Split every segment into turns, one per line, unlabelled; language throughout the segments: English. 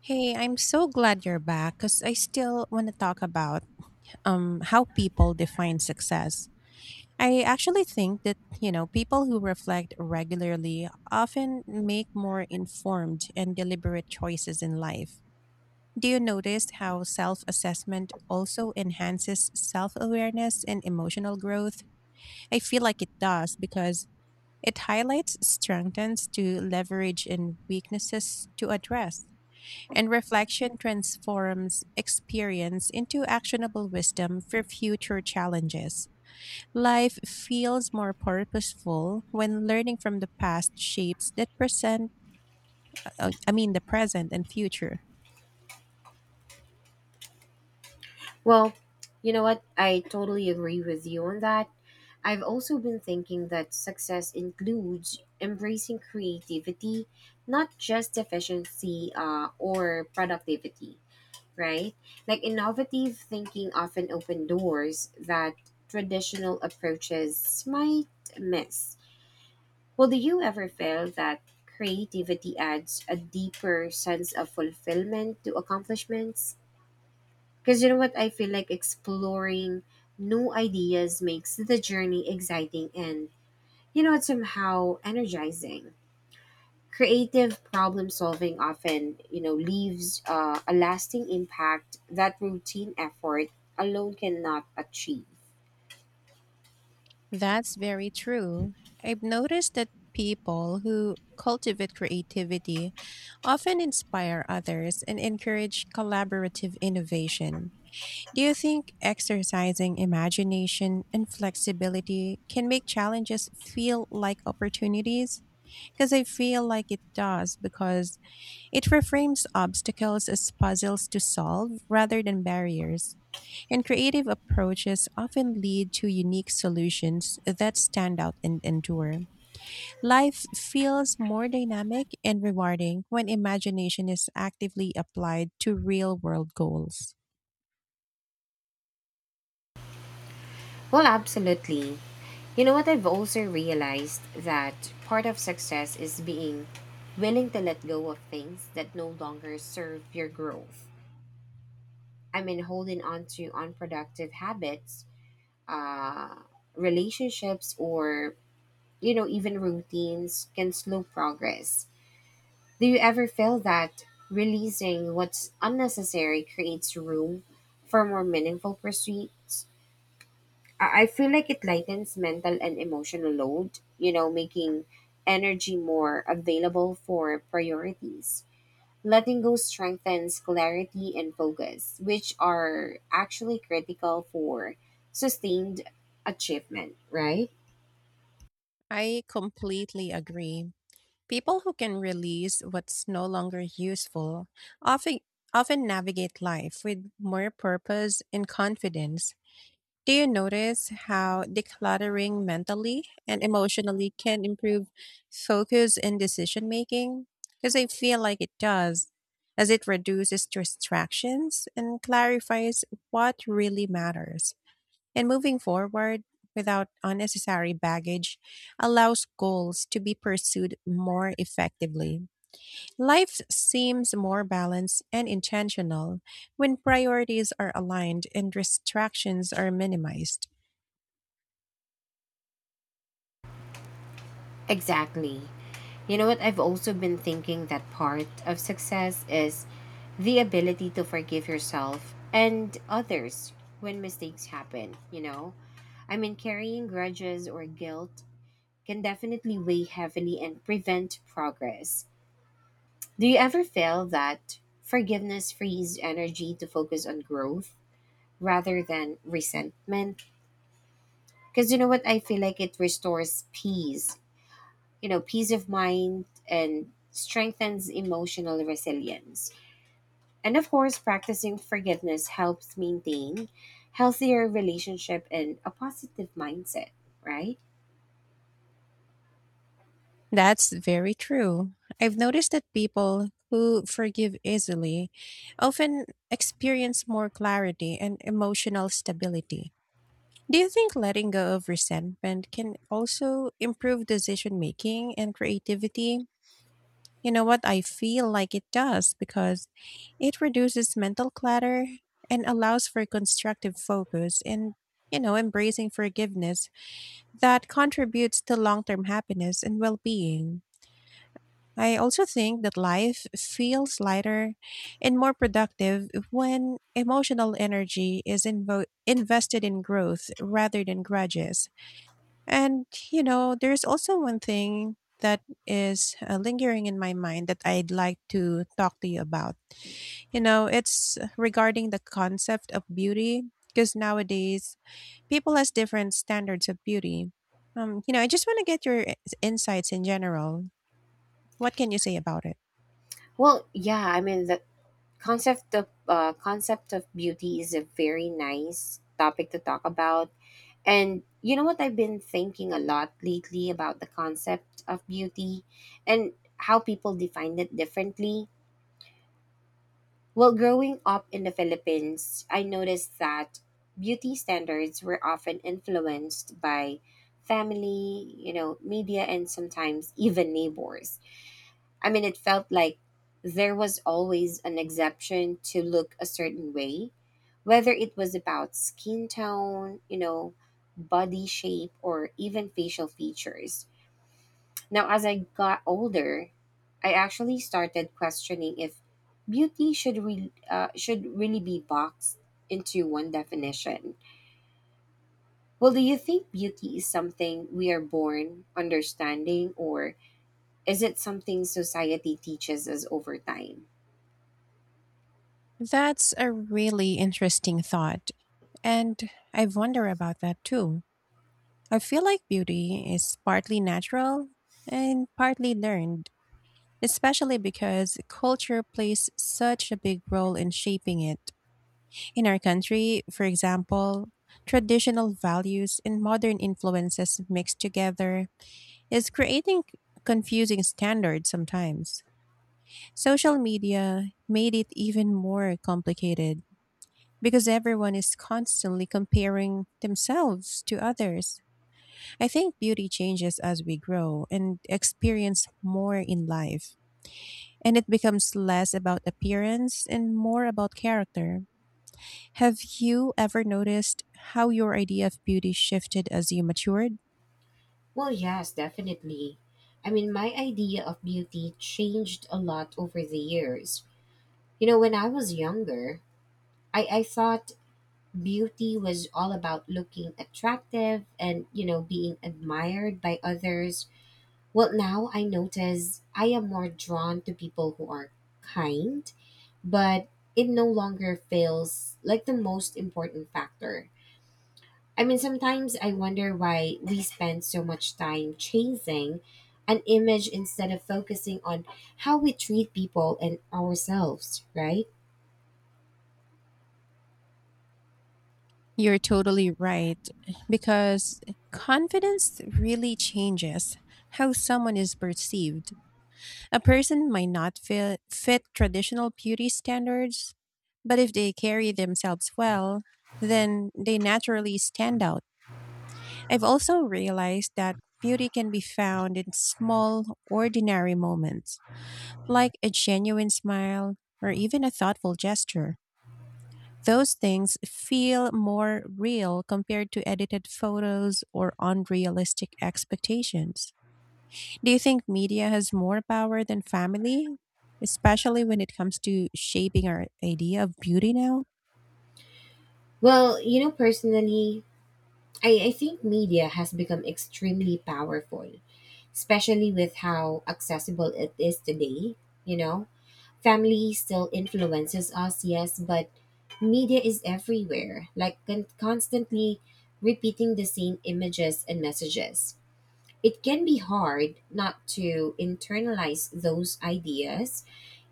Hey, I'm so glad you're back because I still want to talk about how people define success. I actually think that, you know, people who reflect regularly often make more informed and deliberate choices in life. Do you notice how self assessment also enhances self awareness and emotional growth? I feel like it does because it highlights strengths to leverage and weaknesses to address and reflection transforms experience into actionable wisdom for future challenges. Life feels more purposeful when learning from the past shapes that present, I mean, the present and future.
Well, you know what? I totally agree with you on that. I've also been thinking that success includes embracing creativity, not just efficiency or productivity, right? Like innovative thinking often open doors that traditional approaches might miss. Well, do you ever feel that creativity adds a deeper sense of fulfillment to accomplishments? Because you know what? I feel like exploring new ideas makes the journey exciting and, you know, it's somehow energizing. Creative problem solving often, you know, leaves a lasting impact that routine effort alone cannot achieve.
That's very true. I've noticed that people who cultivate creativity often inspire others and encourage collaborative innovation. Do you think exercising imagination and flexibility can make challenges feel like opportunities? Because I feel like it does, because it reframes obstacles as puzzles to solve rather than barriers. And creative approaches often lead to unique solutions that stand out and endure. Life feels more dynamic and rewarding when imagination is actively applied to real world goals.
Well, absolutely. You know what? I've also realized that part of success is being willing to let go of things that no longer serve your growth. I mean, holding on to unproductive habits, uh, relationships, or you know, even routines can slow progress. Do you ever feel that releasing what's unnecessary creates room for more meaningful pursuits? I feel like it lightens mental and emotional load, you know, making energy more available for priorities. Letting go strengthens clarity and focus, which are actually critical for sustained achievement, right?
I completely agree. People who can release what's no longer useful often often navigate life with more purpose and confidence. Do you notice how decluttering mentally and emotionally can improve focus and decision making? Because I feel like it does, as it reduces distractions and clarifies what really matters. And moving forward without unnecessary baggage allows goals to be pursued more effectively. Life seems more balanced and intentional when priorities are aligned and distractions are minimized.
Exactly. You know what? I've also been thinking that part of success is the ability to forgive yourself and others when mistakes happen, you know? I mean, carrying grudges or guilt can definitely weigh heavily and prevent progress. Do you ever feel that forgiveness frees energy to focus on growth rather than resentment? Because you know what? I feel like it restores peace, you know, peace of mind, and strengthens emotional resilience. And of course, practicing forgiveness helps maintain healthier relationship and a positive mindset, right?
That's very true. I've noticed that people who forgive easily often experience more clarity and emotional stability. Do you think letting go of resentment can also improve decision making and creativity? You know what? I feel like it does because it reduces mental clutter and allows for constructive focus and, you know, embracing forgiveness that contributes to long term happiness and well being. I also think that life feels lighter and more productive when emotional energy is invested in growth rather than grudges. And, you know, there's also one thing that is lingering in my mind that I'd like to talk to you about. You know, it's regarding the concept of beauty, because nowadays people has different standards of beauty. You know, I just want to get your insights in general. What can you say about it?
Well, yeah, I mean, the concept of beauty is a very nice topic to talk about. And you know what? I've been thinking a lot lately about the concept of beauty and how people define it differently. Well, growing up in the Philippines, I noticed that beauty standards were often influenced by family, you know, media, and sometimes even neighbors. I mean, it felt like there was always an exception to look a certain way, whether it was about skin tone, you know, body shape, or even facial features. Now, as I got older, I actually started questioning if beauty should really be boxed into one definition. Well, do you think beauty is something we are born understanding, or is it something society teaches us over time?
That's a really interesting thought. And I wonder about that too. I feel like beauty is partly natural and partly learned, especially because culture plays such a big role in shaping it. In our country, for example, traditional values and modern influences mixed together is creating confusing standards sometimes. Social media made it even more complicated because everyone is constantly comparing themselves to others. I think beauty changes as we grow and experience more in life, and it becomes less about appearance and more about character. Have you ever noticed how your idea of beauty shifted as you matured?
Well, yes, definitely. I mean, my idea of beauty changed a lot over the years. You know, when I was younger, I thought beauty was all about looking attractive and, you know, being admired by others. Well, now I notice I am more drawn to people who are kind, but it no longer feels like the most important factor. I mean, sometimes I wonder why we spend so much time chasing an image instead of focusing on how we treat people and ourselves, right?
You're totally right, because confidence really changes how someone is perceived. A person might not fit traditional beauty standards, but if they carry themselves well, then they naturally stand out. I've also realized that beauty can be found in small, ordinary moments, like a genuine smile or even a thoughtful gesture. Those things feel more real compared to edited photos or unrealistic expectations. Do you think media has more power than family, especially when it comes to shaping our idea of beauty now?
Well, you know, personally, I think media has become extremely powerful, especially with how accessible it is today. You know, family still influences us, yes, but media is everywhere, like constantly repeating the same images and messages. It can be hard not to internalize those ideas,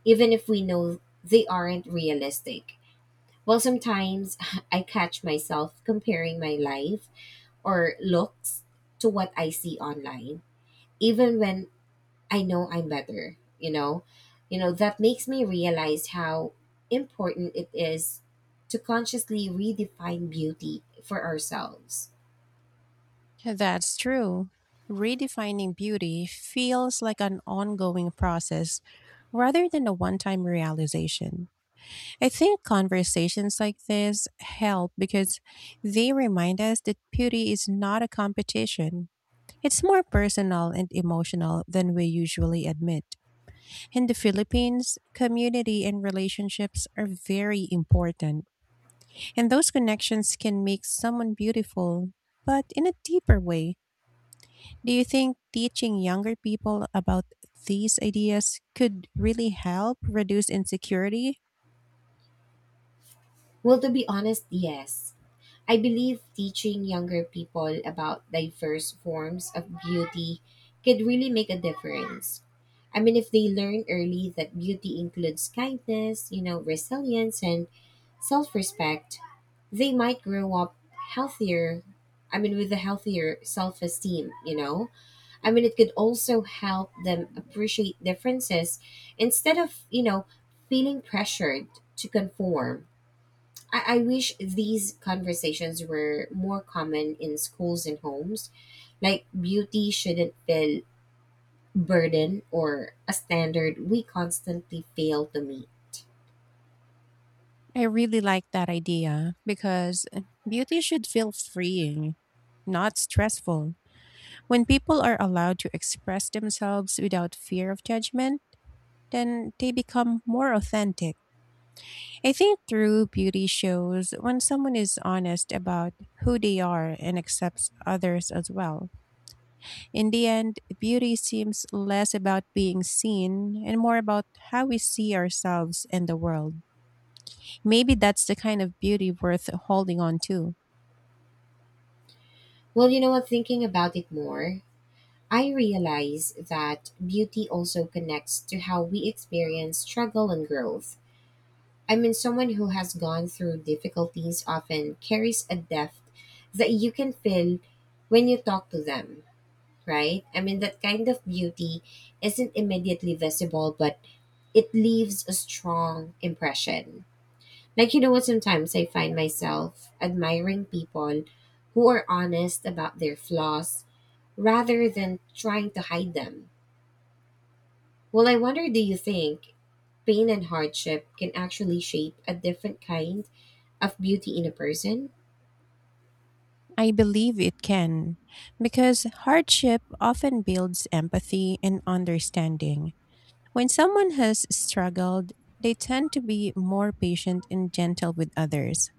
even if we know they aren't realistic. Well, sometimes I catch myself comparing my life or looks to what I see online, even when I know I'm better, you know? You know, that makes me realize how important it is to consciously redefine beauty for ourselves.
That's true. Redefining beauty feels like an ongoing process rather than a one time realization. I think conversations like this help because they remind us that beauty is not a competition. It's more personal and emotional than we usually admit. In the Philippines, community and relationships are very important, and those connections can make someone beautiful, but in a deeper way. Do you think teaching younger people about these ideas could really help reduce insecurity?
Well, to be honest, yes. I believe teaching younger people about diverse forms of beauty could really make a difference. I mean, if they learn early that beauty includes kindness, you know, resilience, and self respect, they might grow up healthier. I mean, with a healthier self esteem, you know? I mean, it could also help them appreciate differences instead of, you know, feeling pressured to conform. I wish these conversations were more common in schools and homes. Like, beauty shouldn't feel burden or a standard we constantly fail to meet.
I really like that idea because beauty should feel freeing, not stressful. When people are allowed to express themselves without fear of judgment, then they become more authentic. I think true beauty shows when someone is honest about who they are and accepts others as well. In the end, beauty seems less about being seen and more about how we see ourselves and the world. Maybe that's the kind of beauty worth holding on to.
Well, you know what? Thinking about it more, I realize that beauty also connects to how we experience struggle and growth. I mean, someone who has gone through difficulties often carries a depth that you can feel when you talk to them, right? I mean, that kind of beauty isn't immediately visible, but it leaves a strong impression. Like, you know what? Sometimes I find myself admiring people who are honest about their flaws rather than trying to hide them. Well, I wonder, do you think pain and hardship can actually shape a different kind of beauty in a person?
I believe it can, because hardship often builds empathy and understanding. When someone has struggled, they tend to be more patient and gentle with others.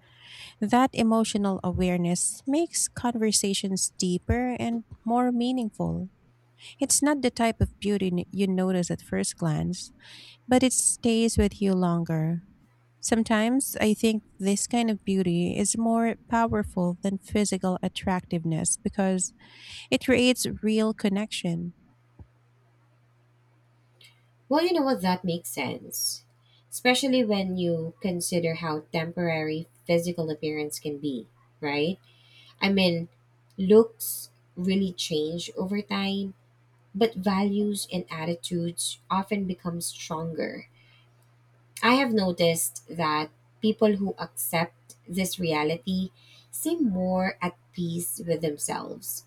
That emotional awareness makes conversations deeper and more meaningful. It's not the type of beauty you notice at first glance, but it stays with you longer. Sometimes I think this kind of beauty is more powerful than physical attractiveness because it creates real connection.
Well, you know what? That makes sense. Especially when you consider how temporary physical appearance can be, right? I mean, looks really change over time, but values and attitudes often become stronger. I have noticed that people who accept this reality seem more at peace with themselves.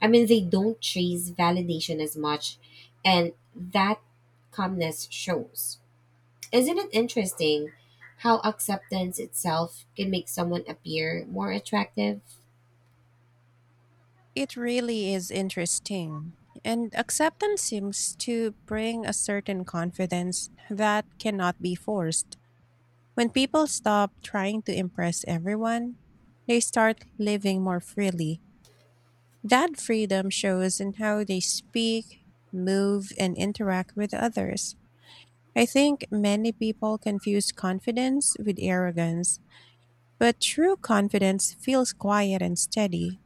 I mean, they don't chase validation as much, and that calmness shows. Isn't it interesting how acceptance itself can make someone appear more attractive?
It really is interesting. And acceptance seems to bring a certain confidence that cannot be forced. When people stop trying to impress everyone, they start living more freely. That freedom shows in how they speak, move, and interact with others. I think many people confuse confidence with arrogance, but true confidence feels quiet and steady.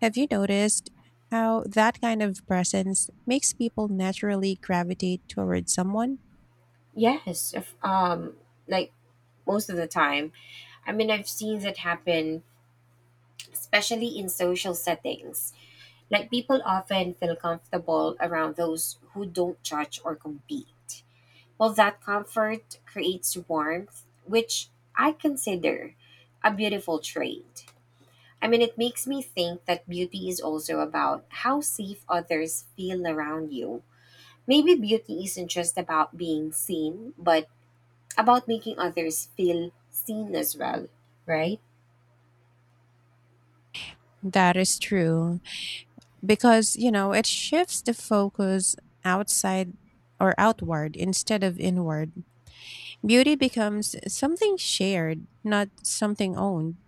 Have you noticed how that kind of presence makes people naturally gravitate towards someone?
Yes, if, like, most of the time. I mean, I've seen that happen, especially in social settings. Like, people often feel comfortable around those who don't judge or compete. Well, that comfort creates warmth, which I consider a beautiful trait. I mean, it makes me think that beauty is also about how safe others feel around you. Maybe beauty isn't just about being seen, but about making others feel seen as well, right?
That is true because, you know, it shifts the focus outside or outward instead of inward. Beauty becomes something shared, not something owned.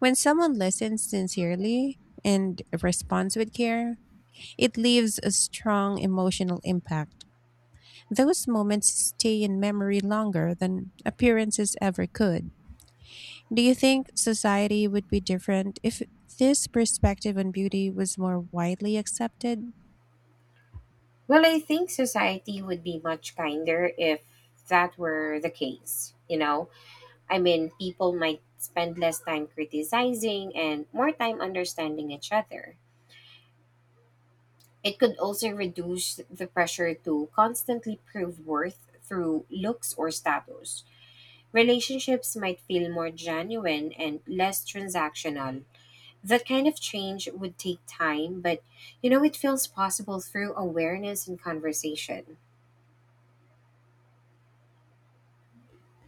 When someone listens sincerely and responds with care, it leaves a strong emotional impact. Those moments stay in memory longer than appearances ever could. Do you think society would be different if this perspective on beauty was more widely accepted?
Well, I think society would be much kinder if that were the case, you know? I mean, people might spend less time criticizing and more time understanding each other. It could also reduce the pressure to constantly prove worth through looks or status. Relationships might feel more genuine and less transactional. That kind of change would take time, but you know, it feels possible through awareness and conversation.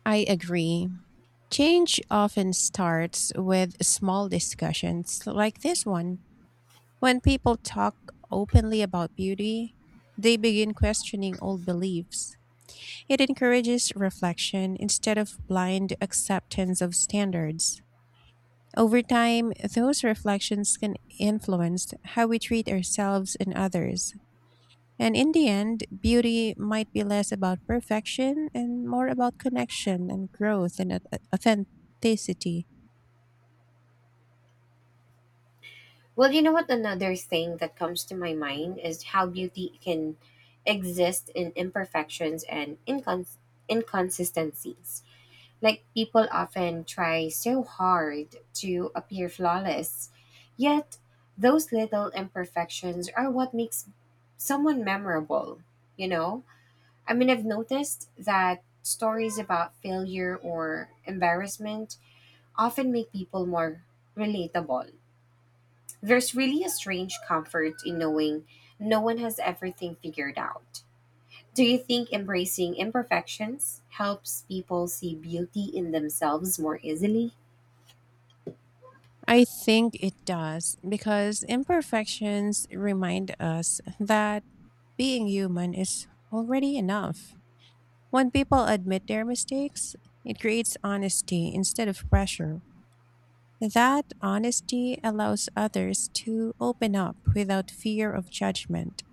I agree. Change often starts with small discussions like this one. When people talk openly about beauty, they begin questioning old beliefs. It encourages reflection instead of blind acceptance of standards. Over time, those reflections can influence how we treat ourselves and others. And in the end, beauty might be less about perfection and more about connection and growth and authenticity.
Well, you know what? Another thing that comes to my mind is how beauty can exist in imperfections and inconsistencies. Like, people often try so hard to appear flawless, yet those little imperfections are what makes someone memorable, you know? I mean, I've noticed that stories about failure or embarrassment often make people more relatable. There's really a strange comfort in knowing no one has everything figured out. Do you think embracing imperfections helps people see beauty in themselves more easily?
I think it does because imperfections remind us that being human is already enough. When people admit their mistakes, it creates honesty instead of pressure. That honesty allows others to open up without fear of judgment.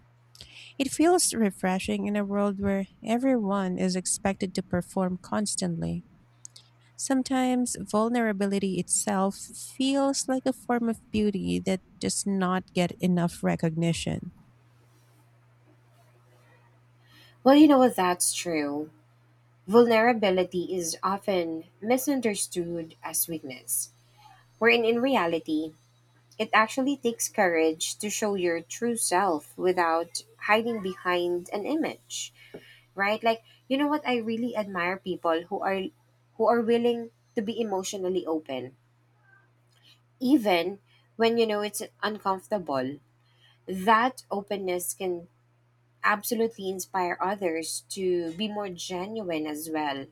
It feels refreshing in a world where everyone is expected to perform constantly. Sometimes vulnerability itself feels like a form of beauty that does not get enough recognition.
Well, you know what? That's true. Vulnerability is often misunderstood as weakness, wherein in reality, it actually takes courage to show your true self without hiding behind an image, right? Like, you know what? I really admire people who are willing to be emotionally open, even when, you know, it's uncomfortable. That openness can absolutely inspire others to be more genuine as well.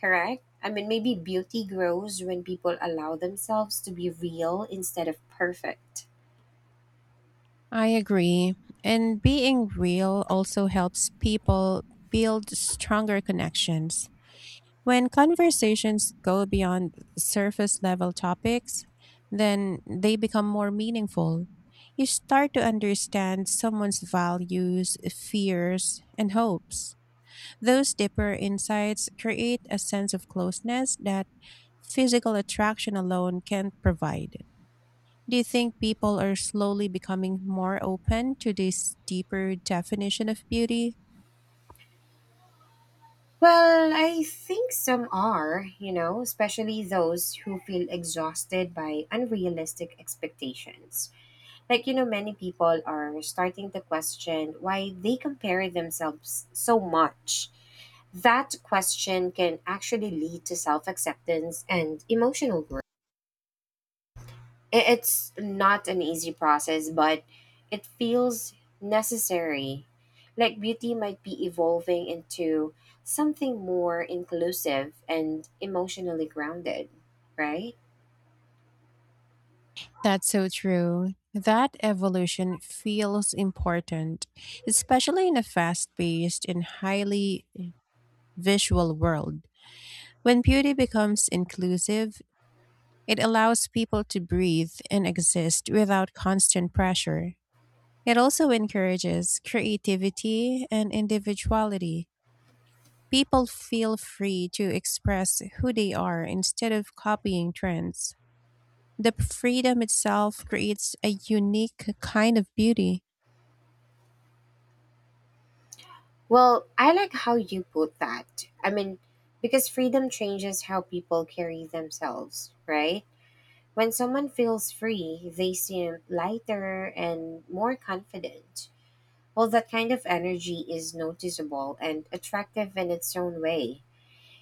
Correct? I mean, maybe beauty grows when people allow themselves to be real instead of perfect.
I agree. And being real also helps people build stronger connections. When conversations go beyond surface level topics, then they become more meaningful. You start to understand someone's values, fears, and hopes. Those deeper insights create a sense of closeness that physical attraction alone can't provide. Do you think people are slowly becoming more open to this deeper definition of beauty?
Well, I think some are, you know, especially those who feel exhausted by unrealistic expectations. Like, you know, many people are starting to question why they compare themselves so much. That question can actually lead to self acceptance and emotional growth. It's not an easy process, but it feels necessary. Like, beauty might be evolving into something more inclusive and emotionally grounded, right?
That's so true. That evolution feels important, especially in a fast paced and highly visual world. When beauty becomes inclusive, it allows people to breathe and exist without constant pressure. It also encourages creativity and individuality. People feel free to express who they are instead of copying trends. The freedom itself creates a unique kind of beauty.
Well, I like how you put that. I mean, because freedom changes how people carry themselves, right? When someone feels free, they seem lighter and more confident. Well, that kind of energy is noticeable and attractive in its own way.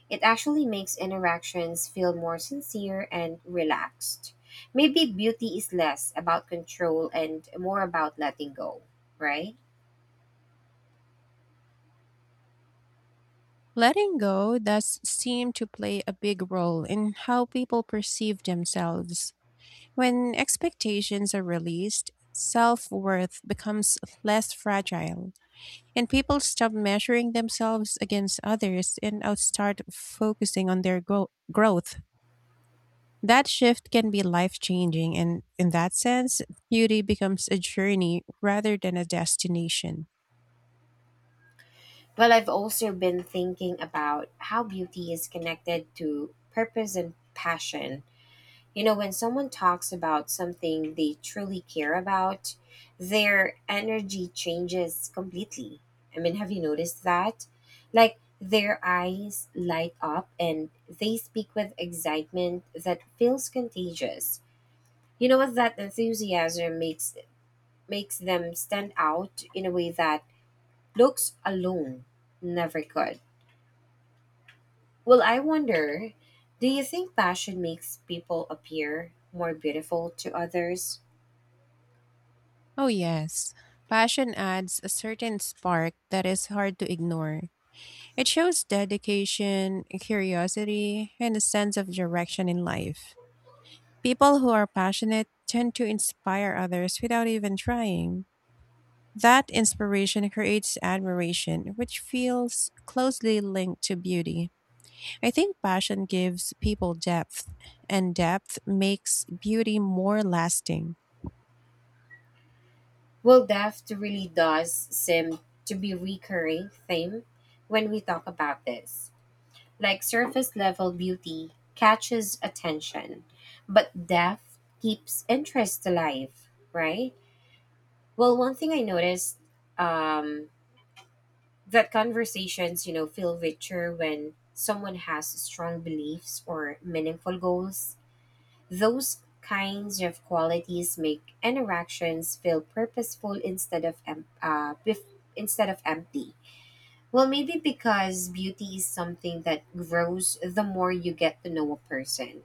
It actually makes interactions feel more sincere and relaxed. Maybe beauty is less about control and more about letting go, right?
Letting go does seem to play a big role in how people perceive themselves. When expectations are released, self worth becomes less fragile. And people stop measuring themselves against others and out start focusing on their growth. That shift can be life changing, and in that sense, beauty becomes a journey rather than a destination.
Well, I've also been thinking about how beauty is connected to purpose and passion. You know, when someone talks about something they truly care about, their energy changes completely. I mean, have you noticed that? Like, their eyes light up and they speak with excitement that feels contagious. You know what? That enthusiasm makes them stand out in a way that looks alone never could. Well, I wonder, do you think passion makes people appear more beautiful to others?
Oh, yes. Passion adds a certain spark that is hard to ignore. It shows dedication, curiosity, and a sense of direction in life. People who are passionate tend to inspire others without even trying. That inspiration creates admiration, which feels closely linked to beauty. I think passion gives people depth, and depth makes beauty more lasting.
Well, death really does seem to be a recurring theme when we talk about this. Like, surface level beauty catches attention, but depth keeps interest alive, right? Well, one thing I noticed, um, that conversations, you know, feel richer when someone has strong beliefs or meaningful goals. Those kinds of qualities make interactions feel purposeful instead of empty. Well, maybe because beauty is something that grows the more you get to know a person,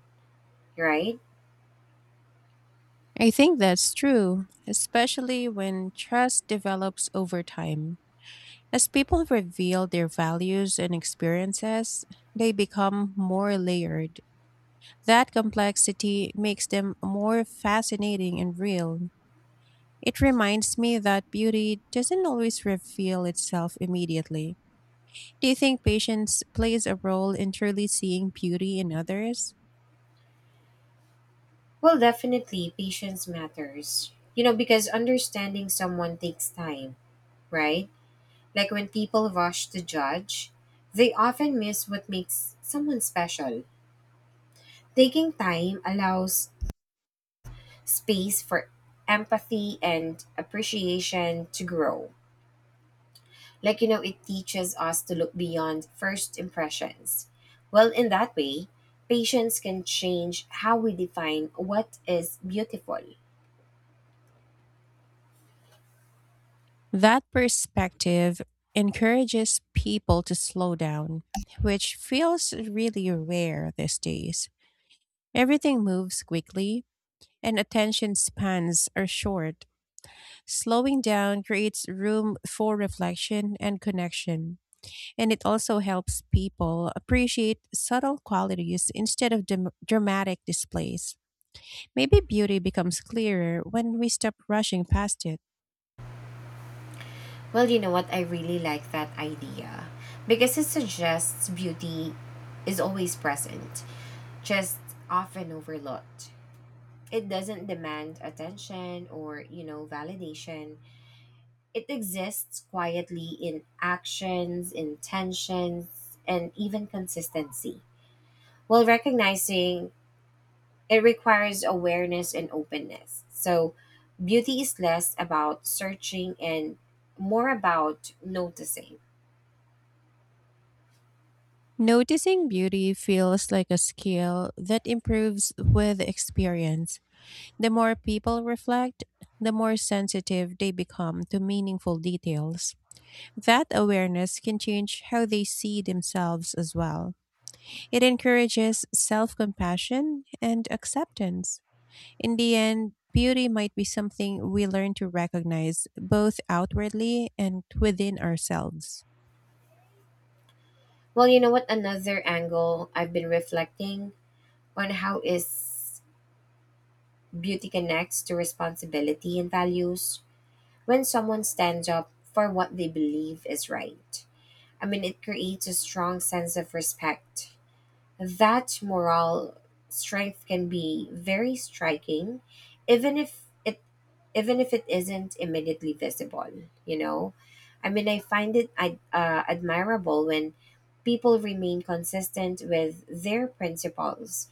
right?
I think that's true, especially when trust develops over time. As people reveal their values and experiences, they become more layered. That complexity makes them more fascinating and real. It reminds me that beauty doesn't always reveal itself immediately. Do you think patience plays a role in truly seeing beauty in others?
Well, definitely patience matters. You know, because understanding someone takes time, right? Like, when people rush to judge, they often miss what makes someone special. Taking time allows space for empathy and appreciation to grow. Like, you know, it teaches us to look beyond first impressions. Well, in that way, patience can change how we define what is beautiful.
That perspective encourages people to slow down, which feels really rare these days. Everything moves quickly, and attention spans are short. Slowing down creates room for reflection and connection. And it also helps people appreciate subtle qualities instead of dramatic displays. Maybe beauty becomes clearer when we stop rushing past it.
Well, you know what? I really like that idea because it suggests beauty is always present, just often overlooked. It doesn't demand attention or, you know, validation. It exists quietly in actions, intentions, and even consistency, while recognizing it requires awareness and openness. So, beauty is less about searching and more about noticing.
Noticing beauty feels like a skill that improves with experience. The more people reflect, the more sensitive they become to meaningful details. That awareness can change how they see themselves as well. It encourages self compassion and acceptance. In the end, beauty might be something we learn to recognize both outwardly and within ourselves.
Well, you know what? Another angle I've been reflecting on how is beauty connects to responsibility and values. When someone stands up for what they believe is right, I mean, it creates a strong sense of respect. That moral strength can be very striking, even if it even if it isn't immediately visible. You know, I mean, I find it admirable when people remain consistent with their principles,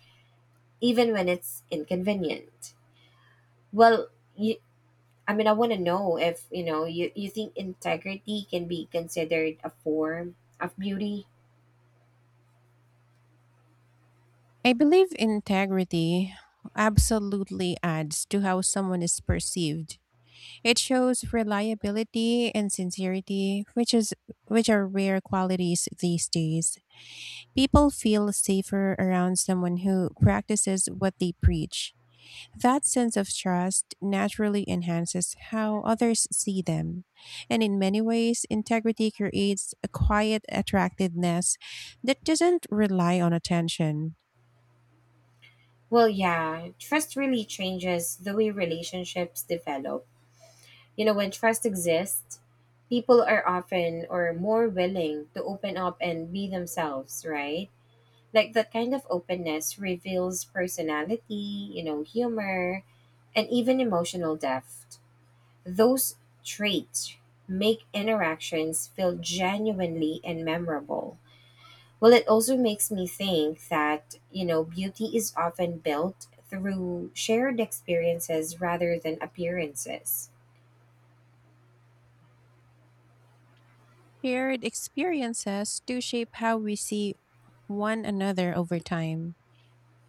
even when it's inconvenient. Well, you, I mean, I want to know if, you know, you think integrity can be considered a form of beauty.
I believe integrity absolutely adds to how someone is perceived. It shows reliability and sincerity, which are rare qualities these days. People feel safer around someone who practices what they preach. That sense of trust naturally enhances how others see them. And in many ways, integrity creates a quiet attractiveness that doesn't rely on attention.
Well, yeah, trust really changes the way relationships develop. You know, when trust exists, people are often or more willing to open up and be themselves, right? Like, that kind of openness reveals personality, you know, humor, and even emotional depth. Those traits make interactions feel genuinely and memorable. Well, it also makes me think that, you know, beauty is often built through shared experiences rather than appearances.
Shared experiences do shape how we see one another over time.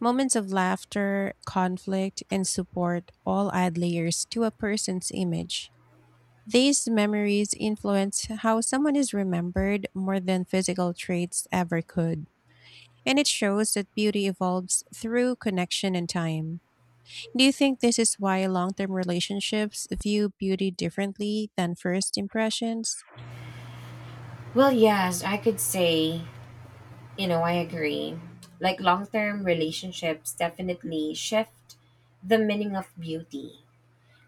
Moments of laughter, conflict, and support all add layers to a person's image. These memories influence how someone is remembered more than physical traits ever could, and it shows that beauty evolves through connection and time. Do you think this is why long term relationships view beauty differently than first impressions?
Well, yes, I could say, you know, I agree. Like, long term relationships definitely shift the meaning of beauty.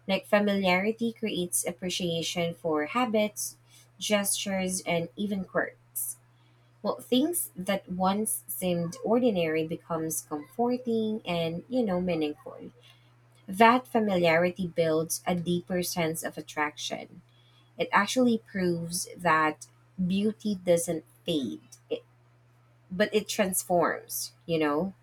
Like, familiarity creates appreciation for habits, gestures, and even quirks. Well, things that once seemed ordinary becomes comforting and, you know, meaningful. That familiarity builds a deeper sense of attraction. It actually proves that beauty doesn't fade, it, but it transforms, you know?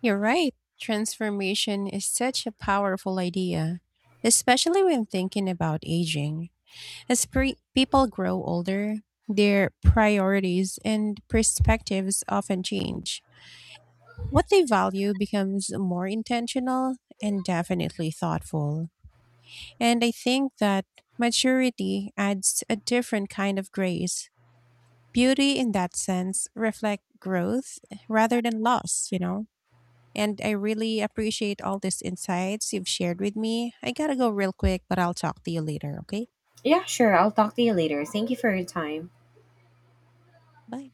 You're right. Transformation is such a powerful idea, especially when thinking about aging. As people grow older, their priorities and perspectives often change. What they value becomes more intentional and definitely thoughtful. And I think that maturity adds a different kind of grace. Beauty, in that sense, reflect growth rather than loss, you know? And I really appreciate all these insights you've shared with me. I gotta go real quick, but I'll talk to you later, okay?
Yeah, sure. I'll talk to you later. Thank you for your time.
Bye.